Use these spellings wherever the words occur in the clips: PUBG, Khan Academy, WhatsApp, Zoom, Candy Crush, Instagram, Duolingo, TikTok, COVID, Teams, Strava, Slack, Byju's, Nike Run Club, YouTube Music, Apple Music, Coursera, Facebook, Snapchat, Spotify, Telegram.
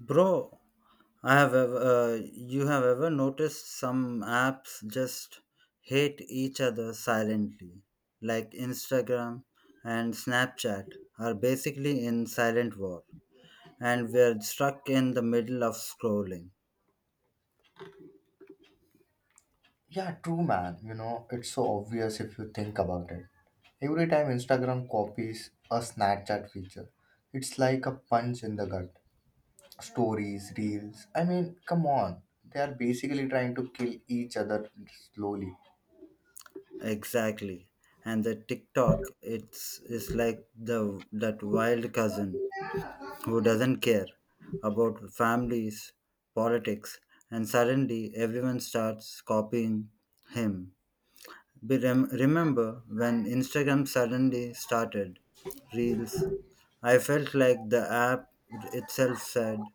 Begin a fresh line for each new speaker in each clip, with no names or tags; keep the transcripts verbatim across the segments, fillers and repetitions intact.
Bro, I have ever, uh, you have ever noticed some apps just hate each other silently, like Instagram and Snapchat are basically in silent war, and we're stuck in the middle of scrolling.
Yeah, true, man. You know, it's so obvious if you think about it. Every time Instagram copies a Snapchat feature, it's like a punch in the gut. Stories, reels. I mean, come on. They are basically trying to kill each other slowly.
Exactly, and the TikTok it's is like the that wild cousin who doesn't care about families, politics, and suddenly everyone starts copying him. Be rem- remember when Instagram suddenly started Reels? I felt like the app itself said,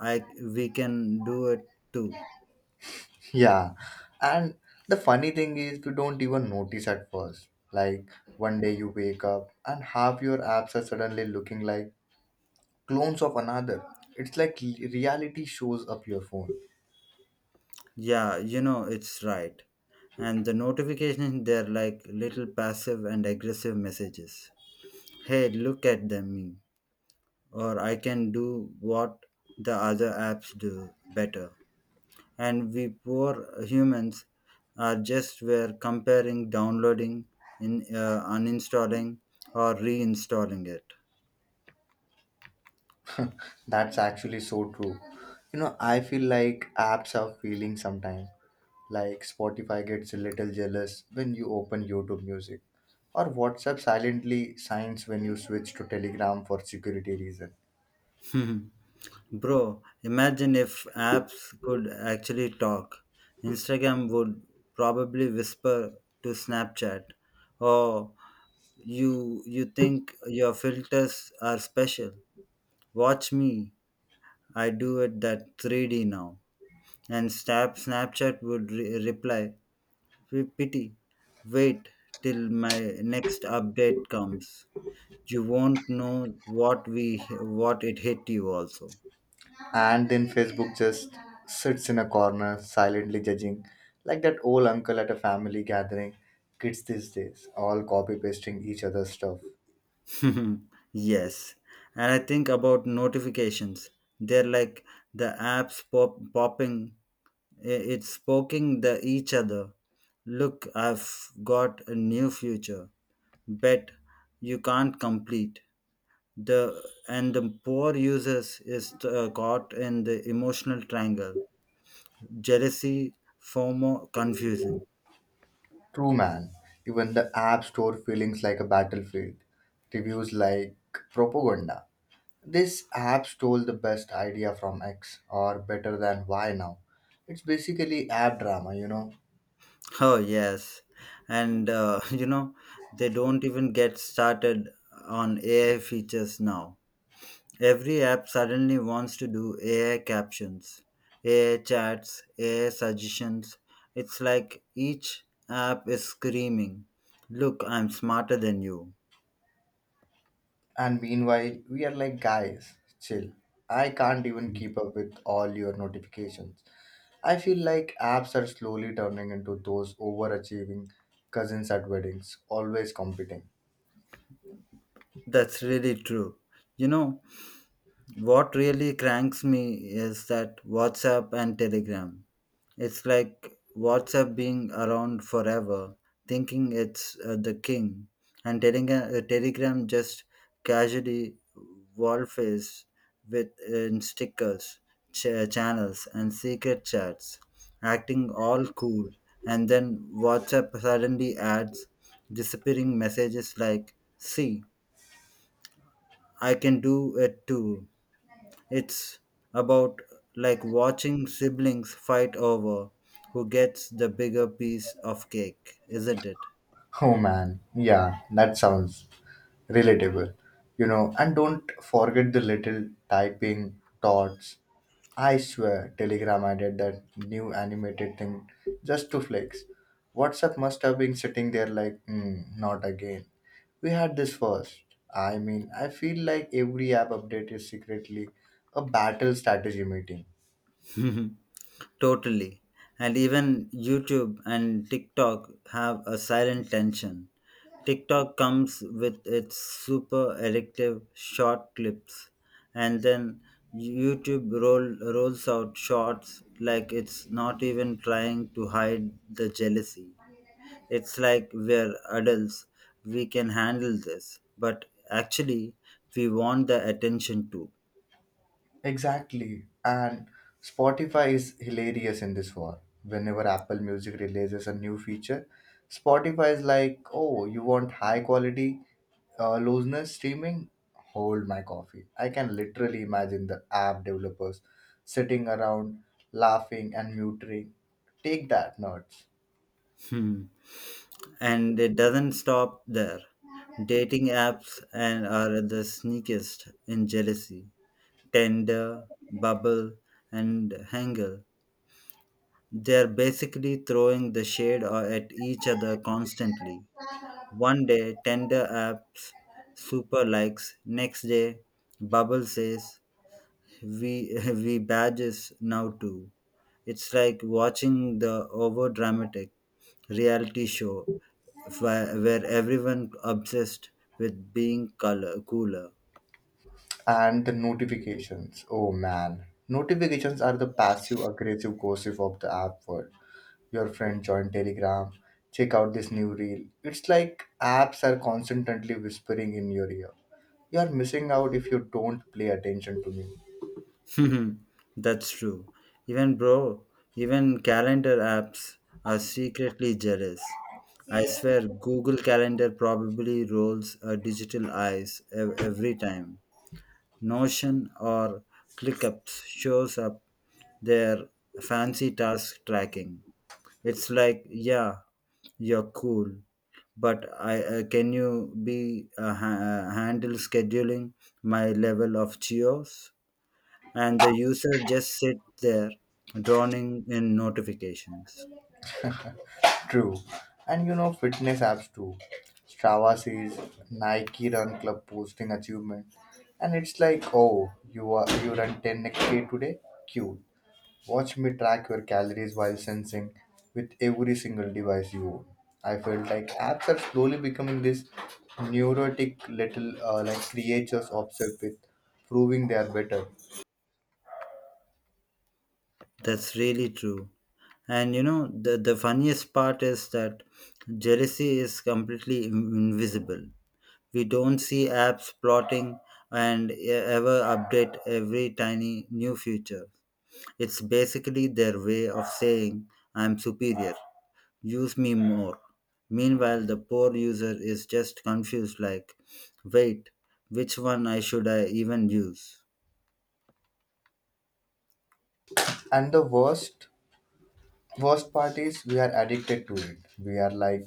"I We can do it too."
Yeah. And the funny thing is, we don't even notice at first. Like, one day you wake up and half your apps are suddenly looking like clones of another. It's like reality shows up your phone.
Yeah, you know it's right. And the notifications, they're like little passive and aggressive messages. Hey, look at them me, or I can do what the other apps do better. And we poor humans are just were comparing, downloading, in uh, uninstalling or reinstalling it.
That's actually so true. You know, I feel like apps are feeling sometimes. Like Spotify gets a little jealous when you open YouTube music, or WhatsApp silently signs when you switch to Telegram for security reason.
Bro, imagine if apps could actually talk. Instagram would probably whisper to Snapchat, oh, you you think your filters are special? Watch me, I do it that three D now. And snap snapchat would re- reply, P- Pity. Wait till my next update comes. You won't know what we what it hit you also.
And then Facebook just sits in a corner, silently judging, like that old uncle at a family gathering. Kids these days, all copy pasting each other's stuff.
Yes. And I think about notifications. They're like the apps pop, popping, i- it's poking the each other. Look, I've got a new future. Bet you can't complete. The And the poor users is uh, caught in the emotional triangle, jealousy, FOMO, confusion.
True, man. Even the app store feelings like a battlefield, reviews like propaganda. This app stole the best idea from X or better than Y now. It's basically app drama, you know.
Oh, yes. And, uh, you know, they don't even get started on A I features now. Every app suddenly wants to do A I captions, A I chats, A I suggestions. It's like each app is screaming, look, I'm smarter than you.
And meanwhile, we are like, guys, chill. I can't even keep up with all your notifications. I feel like apps are slowly turning into those overachieving cousins at weddings, always competing.
That's really true. You know, what really cranks me is that WhatsApp and Telegram. It's like WhatsApp being around forever, thinking it's uh, the king, and Telegram a, Telegram just casually wall face with in stickers, ch- uh, channels, and secret chats, acting all cool. And then WhatsApp suddenly adds disappearing messages like, "See, I can do it too." It's about like watching siblings fight over who gets the bigger piece of cake, isn't it?
Oh man, yeah, that sounds relatable. You know, and don't forget the little typing thoughts. I swear Telegram added that new animated thing just to flex. WhatsApp must have been sitting there like, mm, not again, we had this first. I mean, I feel like every app update is secretly a battle strategy meeting.
Totally. And even YouTube and TikTok have a silent tension. TikTok comes with its super addictive short clips, and then YouTube roll, rolls out shorts like it's not even trying to hide the jealousy. It's like we're adults, we can handle this. But actually, we want the attention too.
Exactly. And Spotify is hilarious in this war. Whenever Apple Music releases a new feature, Spotify is like, oh, you want high quality, uh, looseness streaming? Hold my coffee. I can literally imagine the app developers sitting around laughing and muting. Take that, nerds.
Hmm. And it doesn't stop there. Dating apps and are the sneakiest in jealousy. Tender, bubble, and hangle. They're basically throwing the shade o- at each other constantly. One day, Tender apps super likes. Next day, Bubble says, we we badges now too. It's like watching the over dramatic reality show where, where everyone obsessed with being color cooler.
And the notifications. Oh man. Notifications are the passive aggressive gossip of the app world. Your friend joined Telegram, check out this new reel. It's like apps are constantly whispering in your ear, you're missing out if you don't pay attention to me.
That's true. Even bro, even calendar apps are secretly jealous. I swear Google Calendar probably rolls a digital eyes ev- every time. Notion or ClickUp shows up their fancy task tracking. It's like, yeah, you're cool, but I uh, can you be uh, ha- uh, handle scheduling my level of cheers? And the user just sit there, drowning in notifications.
True. And you know, fitness apps too. Strava sees Nike Run Club posting achievement, and it's like, oh, you are you run ten k today? Cute. Watch me track your calories while sensing with every single device you own. I felt like apps are slowly becoming this neurotic little uh, like creatures obsessed with proving they are better.
That's really true. And you know, the, the funniest part is that jealousy is completely in- invisible. We don't see apps plotting and e- ever update every tiny new feature. It's basically their way of saying, I'm superior, use me more. Meanwhile, the poor user is just confused, like, wait, which one I should I even use?
And the worst worst part is we are addicted to it. We are like,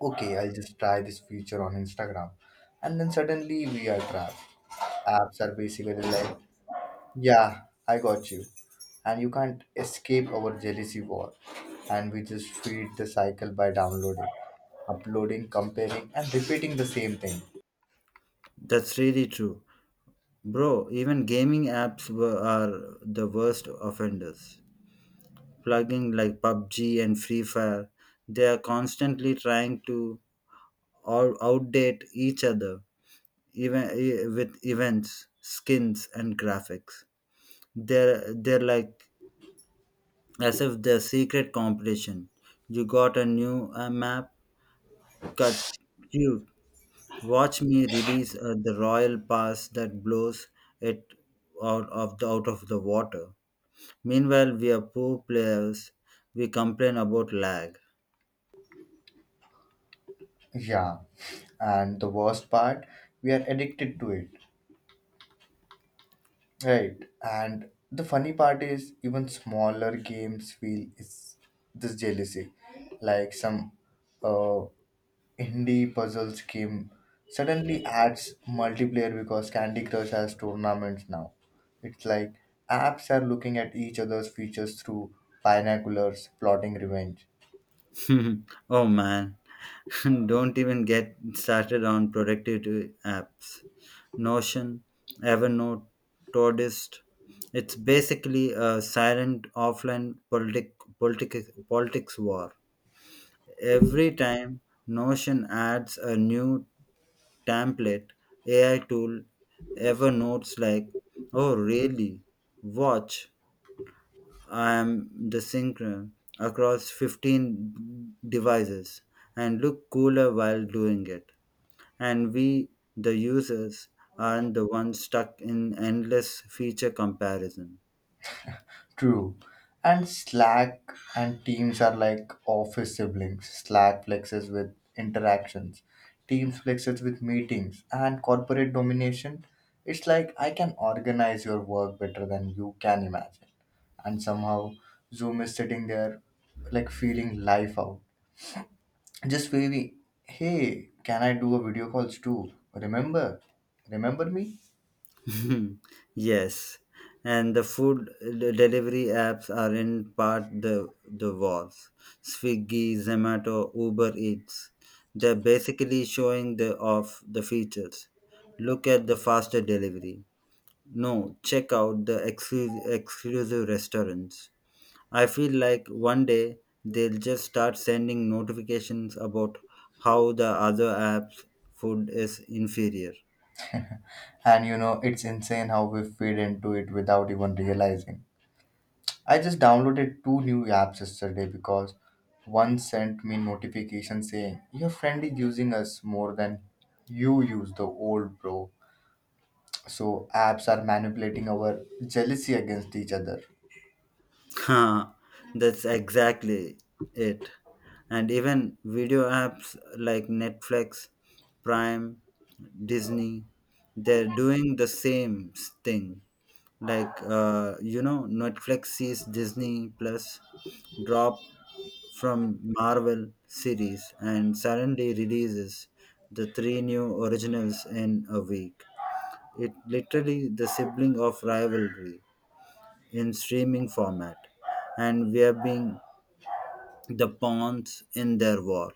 okay, I'll just try this feature on Instagram, and then suddenly we are trapped. Apps are basically like, yeah, I got you. And you can't escape our jealousy war. And we just feed the cycle by downloading, uploading, comparing, and repeating the same thing.
That's really true. Bro, even gaming apps were, are the worst offenders. Plugging like PUBG and Free Fire, they are constantly trying to or outdate each other, even e- with events, skins and graphics. They're they're like, as if they're secret competition. You got a new uh, map? cut Cute. Watch me release uh, the royal pass that blows it out of the out of the water. Meanwhile, we are poor players, we complain about lag.
Yeah. And the worst part, we are addicted to it. Right. And the funny part is even smaller games feel is this jealousy. Like some uh indie puzzles game suddenly adds multiplayer because Candy Crush has tournaments now. It's like apps are looking at each other's features through binoculars, plotting revenge.
Oh man. Don't even get started on productivity apps. Notion, Evernote, Todoist. It's basically a silent offline politic, politic, politics war. Every time Notion adds a new template, A I tool, Evernote's like, oh, really? Watch, I am the synchron across fifteen devices and look cooler while doing it. And we, the users, aren't the ones stuck in endless feature comparison.
True. And Slack and Teams are like office siblings. Slack flexes with interactions, Teams flexes with meetings, and corporate domination. It's like I can organize your work better than you can imagine. And somehow Zoom is sitting there like feeling life out. Just wavy, hey, can I do a video calls too? Remember? Remember me?
Yes, and the food de- delivery apps are in part the, the wars. Swiggy, Zomato, Uber Eats. They're basically showing the off the features. Look at the faster delivery. No, check out the exclu- exclusive restaurants. I feel like one day they'll just start sending notifications about how the other app's food is inferior.
And you know, it's insane how we feed into it without even realizing. I just downloaded two new apps yesterday because one sent me notification saying your friend is using us more than you use the old bro. So apps are manipulating our jealousy against each other.
Ha, that's exactly it. And even video apps like Netflix, Prime, Disney, they're doing the same s- thing. Like, uh, you know, Netflix sees Disney Plus drop from Marvel series and suddenly releases the three new originals in a week. It literally the sibling of rivalry in streaming format, and we are being the pawns in their war.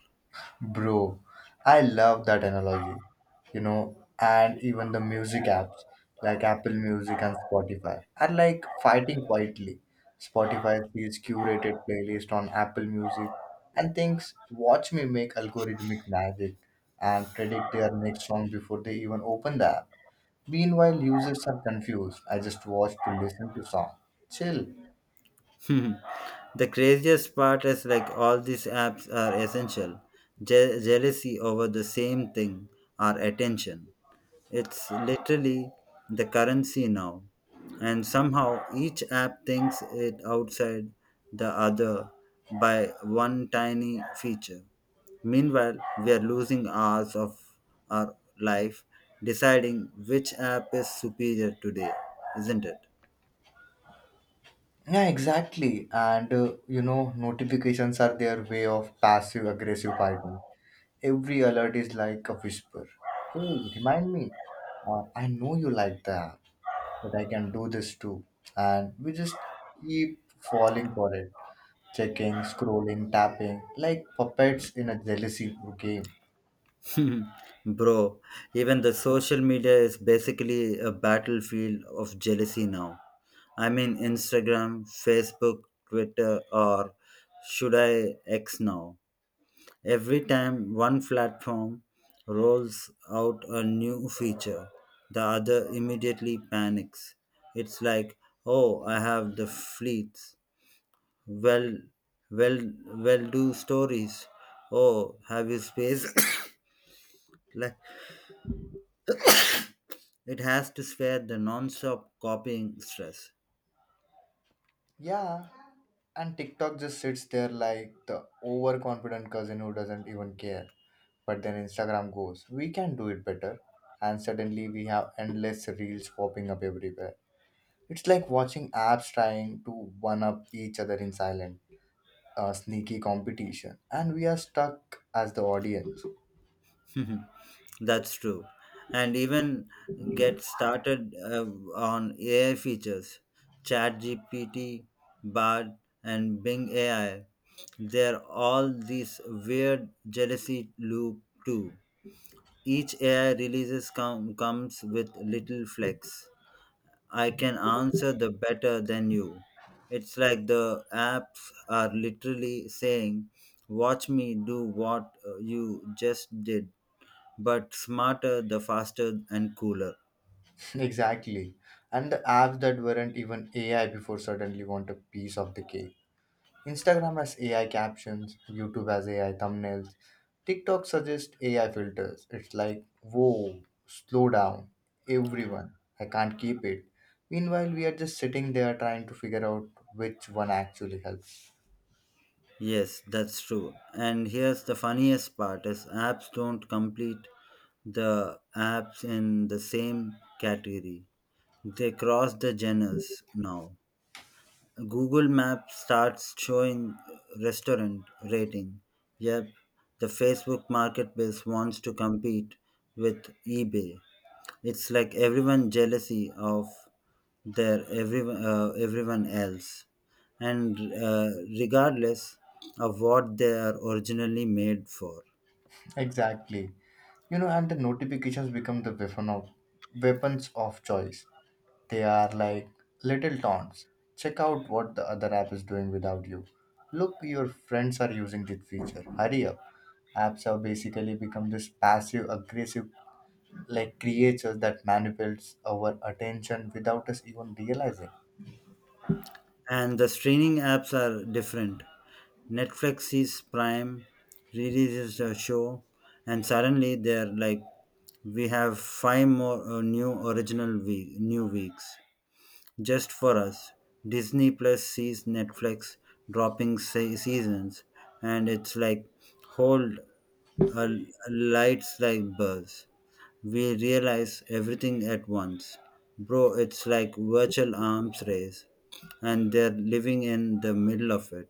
Bro, I love that analogy. You know, and even the music apps like Apple Music and Spotify are like fighting quietly. Spotify sees curated playlist on Apple Music and thinks, watch me make algorithmic magic and predict their next song before they even open the app. Meanwhile, users are confused. I just watch to listen to song. Chill.
The craziest part is like all these apps are essential. Je- jealousy over the same thing, our attention. It's literally the currency now. And somehow each app thinks it outside the other by one tiny feature. Meanwhile, we are losing hours of our life deciding which app is superior today, isn't it?
Yeah, exactly. And uh, you know, notifications are their way of passive aggressive fighting. Every alert is like a whisper. Hey, remind me. Uh, I know you like that, but I can do this too. And we just keep falling for it. Checking, scrolling, tapping, like puppets in a jealousy game.
Bro, even the social media is basically a battlefield of jealousy now. I mean, Instagram, Facebook, Twitter, or should I X now? Every time one platform rolls out a new feature, the other immediately panics. It's like, oh, I have the fleets. Well, well, well, do stories. Oh, have you space? Like, it has to spare the non-stop copying stress.
Yeah. And TikTok just sits there like the overconfident cousin who doesn't even care. But then Instagram goes, we can do it better. And suddenly we have endless reels popping up everywhere. It's like watching apps trying to one up each other in silent, uh, sneaky competition, and we are stuck as the audience.
That's true. And even get started uh, on A I features, ChatGPT, Bard, and Bing A I. They're all these weird jealousy loop too. Each A I releases com- comes with little flex. I can answer the better than you. It's like the apps are literally saying, watch me do what uh, you just did, but smarter, the faster, and cooler.
Exactly. And the apps that weren't even A I before suddenly want a piece of the cake. Instagram has A I captions, YouTube has A I thumbnails, TikTok suggests A I filters. It's like, whoa, slow down, everyone. I can't keep it. Meanwhile, we are just sitting there trying to figure out which one actually helps.
Yes, that's true. And here's the funniest part is apps don't complete the apps in the same category. They cross the genres now. Google Map starts showing restaurant rating. Yep, the Facebook marketplace wants to compete with eBay. It's like everyone jealousy of their everyone uh, everyone else, and uh, regardless of what they are originally made for.
Exactly. You know, and the notifications become the weapon of weapons of choice. They are like little taunts. Check out what the other app is doing without you. Look, your friends are using this feature. Hurry up. Apps have basically become this passive aggressive like creatures that manipulates our attention without us even realizing.
And the streaming apps are different. Netflix sees Prime, releases a show, and suddenly they're like, we have five more uh, new original week, new weeks just for us. Disney Plus sees Netflix dropping se- seasons, and it's like, hold a, a lights like buzz we realize everything at once. Bro, it's like virtual arms race and they're living in the middle of it.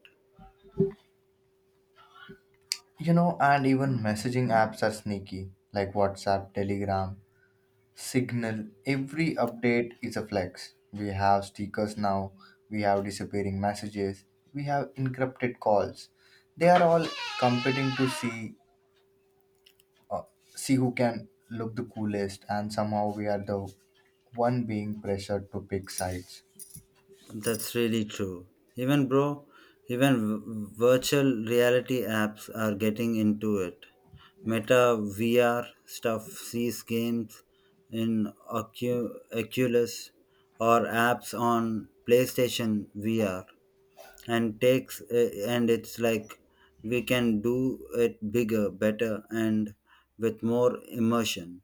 You know, and even messaging apps are sneaky, like WhatsApp, Telegram. Signal. Every update is a flex. We have stickers now. We have disappearing messages. We have encrypted calls. They are all competing to see uh, see who can look the coolest, and somehow we are the one being pressured to pick sides.
That's really true. Even bro, even v- virtual reality apps are getting into it. Meta V R stuff, sees games in Ocu- Oculus or apps on PlayStation V R. And takes uh, and it's like we can do it bigger, better and with more immersion.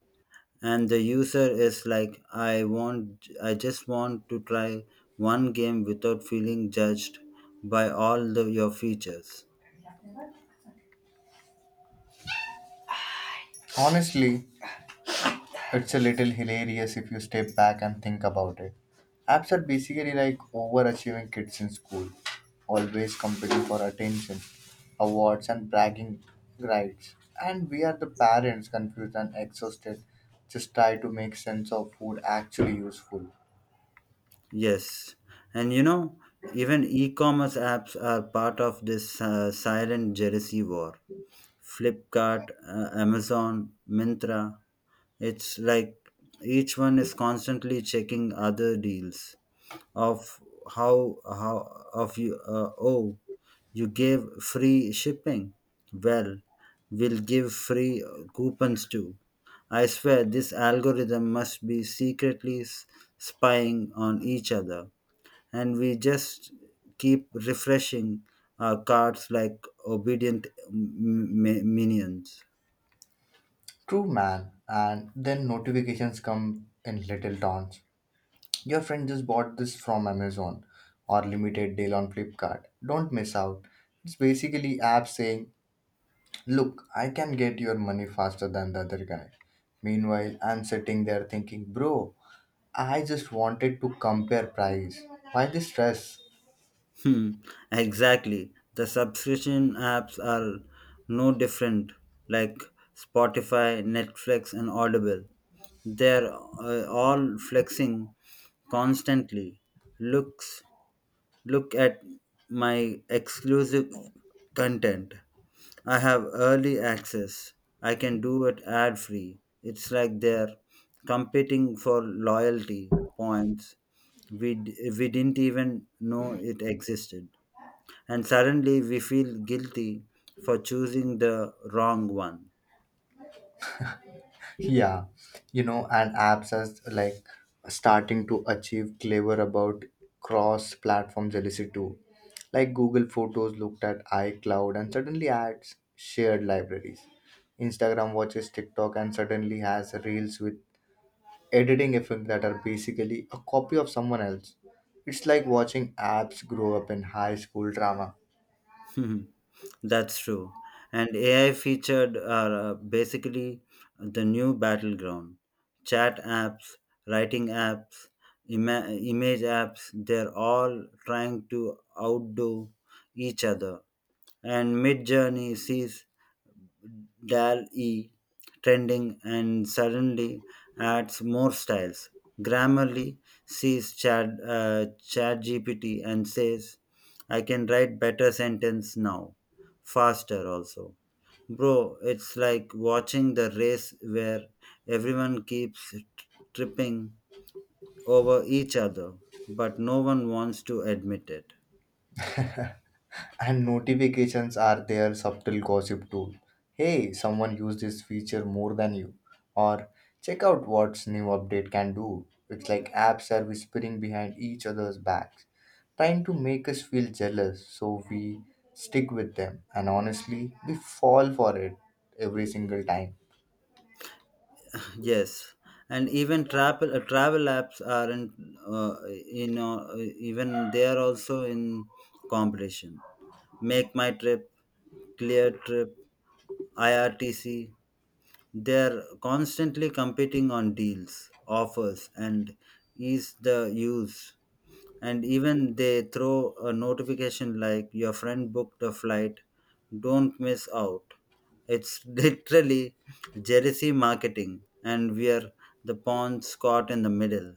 And the user is like, I want, I just want to try one game without feeling judged by all the, your features.
Honestly, it's a little hilarious if you step back and think about it. Apps are basically like overachieving kids in school, always competing for attention, awards, and bragging rights. And we are the parents, confused and exhausted, just try to make sense of food actually useful.
Yes, and you know, even e-commerce apps are part of this uh, silent jealousy war. Flipkart, uh, Amazon, Mintra. It's like each one is constantly checking other deals of how how of you uh, oh, you gave free shipping. Well, we'll give free uh, coupons too. I swear this algorithm must be secretly s- spying on each other, and we just keep refreshing our cards like obedient m- m- minions.
True man. And then notifications come in little taunts. Your friend just bought this from Amazon or limited deal on Flipkart. Don't miss out. It's basically app saying, look, I can get your money faster than the other guy. Meanwhile, I'm sitting there thinking, bro, I just wanted to compare price. Why the stress?
Hmm, exactly. The subscription apps are no different, like Spotify, Netflix, and Audible. They're uh, all flexing constantly. Looks Look at my exclusive content. I have early access. I can do it ad free. It's like they're competing for loyalty points. We, d- we didn't even know it existed, and suddenly we feel guilty for choosing the wrong one.
Yeah, you know, and apps are like starting to achieve clever about cross platform jealousy too. Like Google Photos looked at iCloud and suddenly adds shared libraries. Instagram watches TikTok and suddenly has reels with editing effects that are basically a copy of someone else. It's like watching apps grow up in high school drama.
That's true. And A I featured are uh, basically the new battleground. Chat apps, writing apps, ima- image apps, they're all trying to outdo each other. And Midjourney sees Dal E trending and suddenly adds more styles. Grammarly sees Chat uh, ChatGPT and says, "I can write better sentence now, faster also." Bro, it's like watching the race where everyone keeps tripping over each other, but no one wants to admit it.
And notifications are their subtle gossip tool. Hey, someone used this feature more than you. Or check out what's new update can do. It's like apps are whispering behind each other's backs, trying to make us feel jealous so we stick with them. And honestly, we fall for it every single time.
Yes, and even travel uh, travel apps are in, uh, you know, uh, even they are also in competition. Make my trip, Clear Trip, I R T C. They are constantly competing on deals, offers, and ease the use. And even they throw a notification like, your friend booked a flight, don't miss out. It's literally jealousy marketing, and we are the pawns caught in the middle.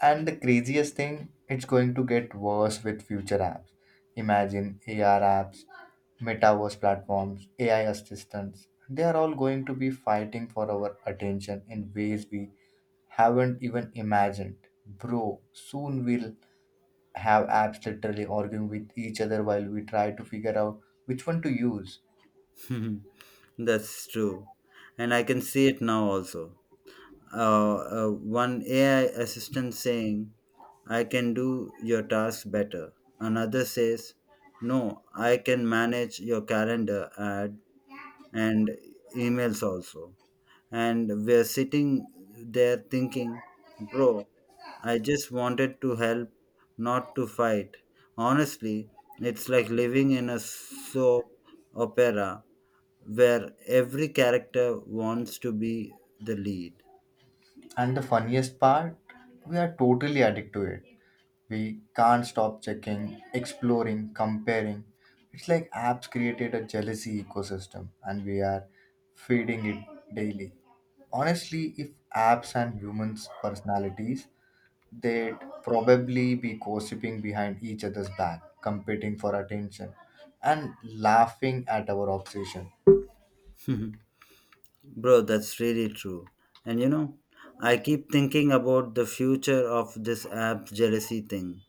And the craziest thing, it's going to get worse with future apps. Imagine A R apps, metaverse platforms, A I assistants. They are all going to be fighting for our attention in ways we haven't even imagined. Bro, soon we'll have apps literally arguing with each other while we try to figure out which one to use.
That's true. And I can see it now also. uh, uh, One AI assistant saying, I can do your task better. Another says, no, I can manage your calendar ad and emails also. And we're sitting there thinking, bro, I just wanted to help, not to fight. Honestly, it's like living in a soap opera where every character wants to be the lead.
And the funniest part, we are totally addicted to it. We can't stop checking, exploring, comparing. It's like apps created a jealousy ecosystem and we are feeding it daily. Honestly, if apps and humans' personalities, they'd probably be gossiping behind each other's back, competing for attention, and laughing at our obsession.
Bro, that's really true. And you know, I keep thinking about the future of this app jealousy thing.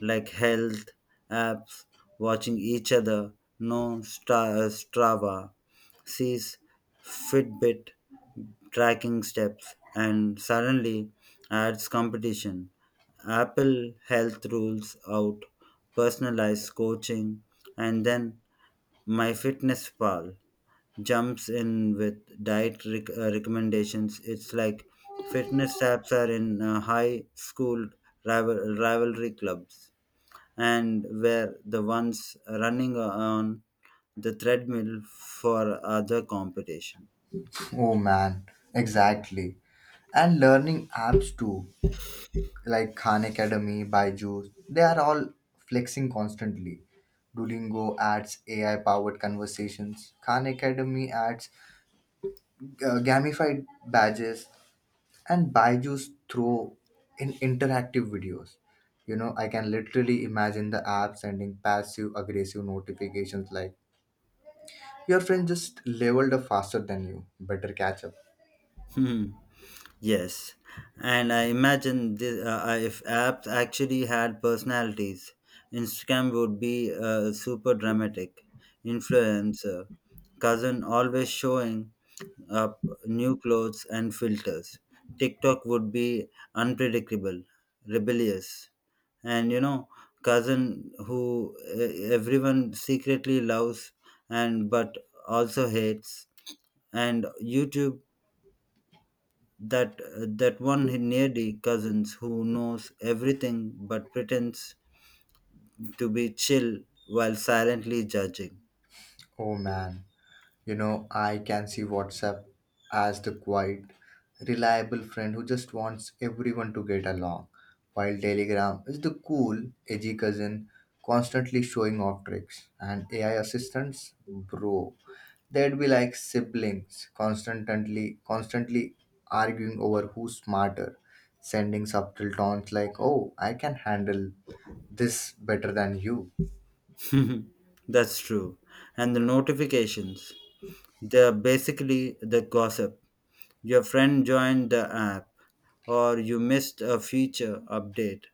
Like health apps, watching each other. No Stra- uh, Strava sees Fitbit tracking steps, and suddenly adds competition. Apple Health rules out personalized coaching, and then my fitness pal jumps in with diet rec- uh, recommendations. It's like fitness apps are in uh, high school rival- rivalry clubs, and were the ones running on the treadmill for other competition.
Oh man, exactly. And learning apps too. Like Khan Academy, Byju's, they are all flexing constantly. Duolingo adds A I powered conversations, Khan Academy adds uh, gamified badges, and Byju's throw in interactive videos. You know, I can literally imagine the app sending passive aggressive notifications like, your friend just leveled up faster than you, better catch up.
Hmm. Yes, and I imagine this, uh, uh, if apps actually had personalities, Instagram would be uh, super dramatic, influencer, cousin always showing up new clothes and filters. TikTok would be unpredictable, rebellious, and you know, cousin who eh, everyone secretly loves and but also hates, and YouTube, that that one needy cousins who knows everything but pretends to be chill while silently judging.
Oh man, you know, I can see WhatsApp as the quiet, reliable friend who just wants everyone to get along, while Telegram is the cool, edgy cousin constantly showing off tricks. And A I assistants, bro, they'd be like siblings, constantly, constantly arguing over who's smarter, sending subtle taunts like, "Oh, I can handle this better than you."
That's true. And the notifications, they're basically the gossip. Your friend joined the app, or you missed a feature update.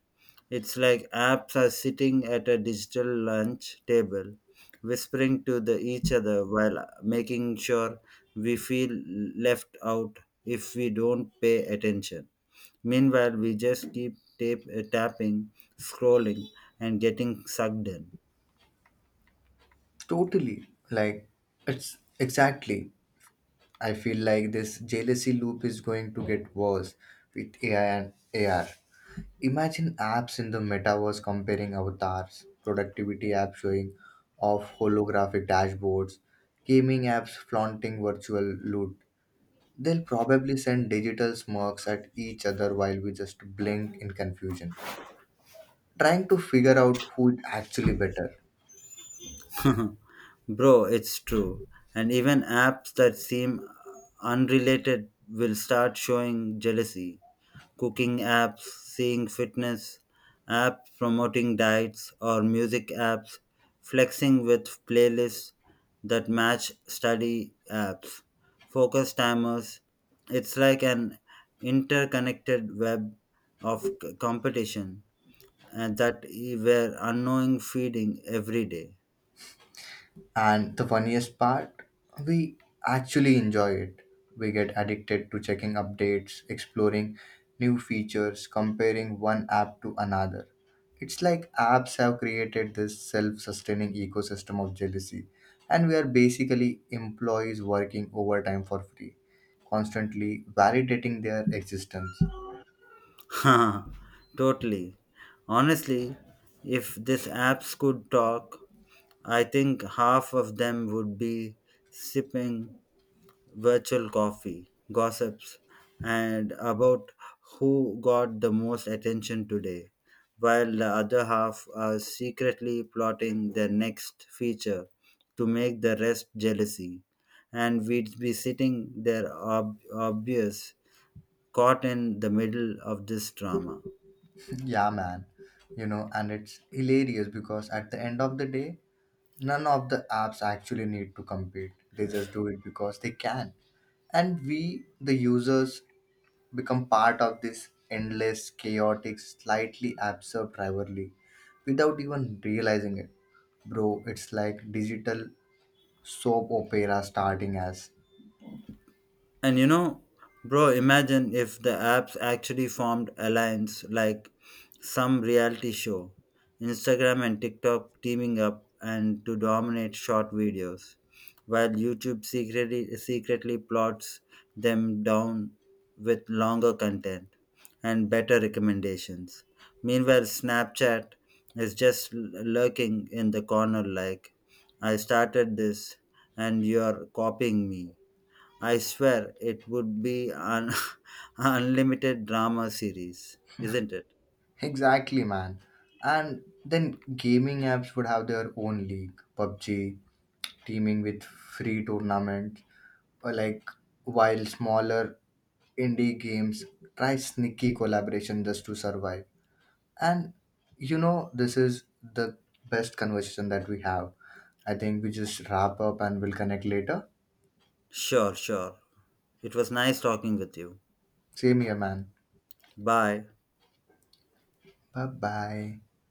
It's like apps are sitting at a digital lunch table, whispering to the each other while making sure we feel left out if we don't pay attention. Meanwhile, we just keep tap- tapping, scrolling, and getting sucked in.
Totally, like it's exactly I feel like this jealousy loop is going to get worse with A I and A R. Imagine apps in the metaverse comparing avatars, productivity apps showing off holographic dashboards, gaming apps flaunting virtual loot. They'll probably send digital smirks at each other while we just blink in confusion, trying to figure out who is actually better.
Bro, it's true. And even apps that seem unrelated will start showing jealousy. Cooking apps, seeing fitness apps promoting diets, or music apps flexing with playlists that match study apps, focus timers. It's like an interconnected web of c- competition, and that e- we're unknowing feeding every day.
And the funniest part, we actually enjoy it. We get addicted to checking updates, exploring new features, comparing one app to another. It's like apps have created this self sustaining ecosystem of jealousy, and we are basically employees working overtime for free, constantly validating their existence.
Totally. Honestly, if these apps could talk, I think half of them would be sipping virtual coffee, gossips, and about who got the most attention today, while the other half are secretly plotting their next feature to make the rest jealousy. And we'd be sitting there ob- obvious, caught in the middle of this drama.
Yeah, man. You know, and it's hilarious because at the end of the day, none of the apps actually need to compete. They just do it because they can, and we the users become part of this endless chaotic slightly absurd rivalry without even realizing it. Bro, it's like digital soap opera starting as
And you know, bro, imagine if the apps actually formed alliance like some reality show, Instagram and TikTok teaming up and to dominate short videos, while YouTube secretly secretly plots them down with longer content and better recommendations. Meanwhile, Snapchat is just l- lurking in the corner like, I started this and you're copying me. I swear it would be an unlimited drama series, isn't it?
exactly, man. And then gaming apps would have their own league. PUBG teaming with free tournament. Or like while smaller indie games try sneaky collaboration just to survive. And you know, this is the best conversation that we have. I think we just wrap up and we'll connect later.
Sure, sure. It was nice talking with you.
Same here, man.
Bye.
Bye bye.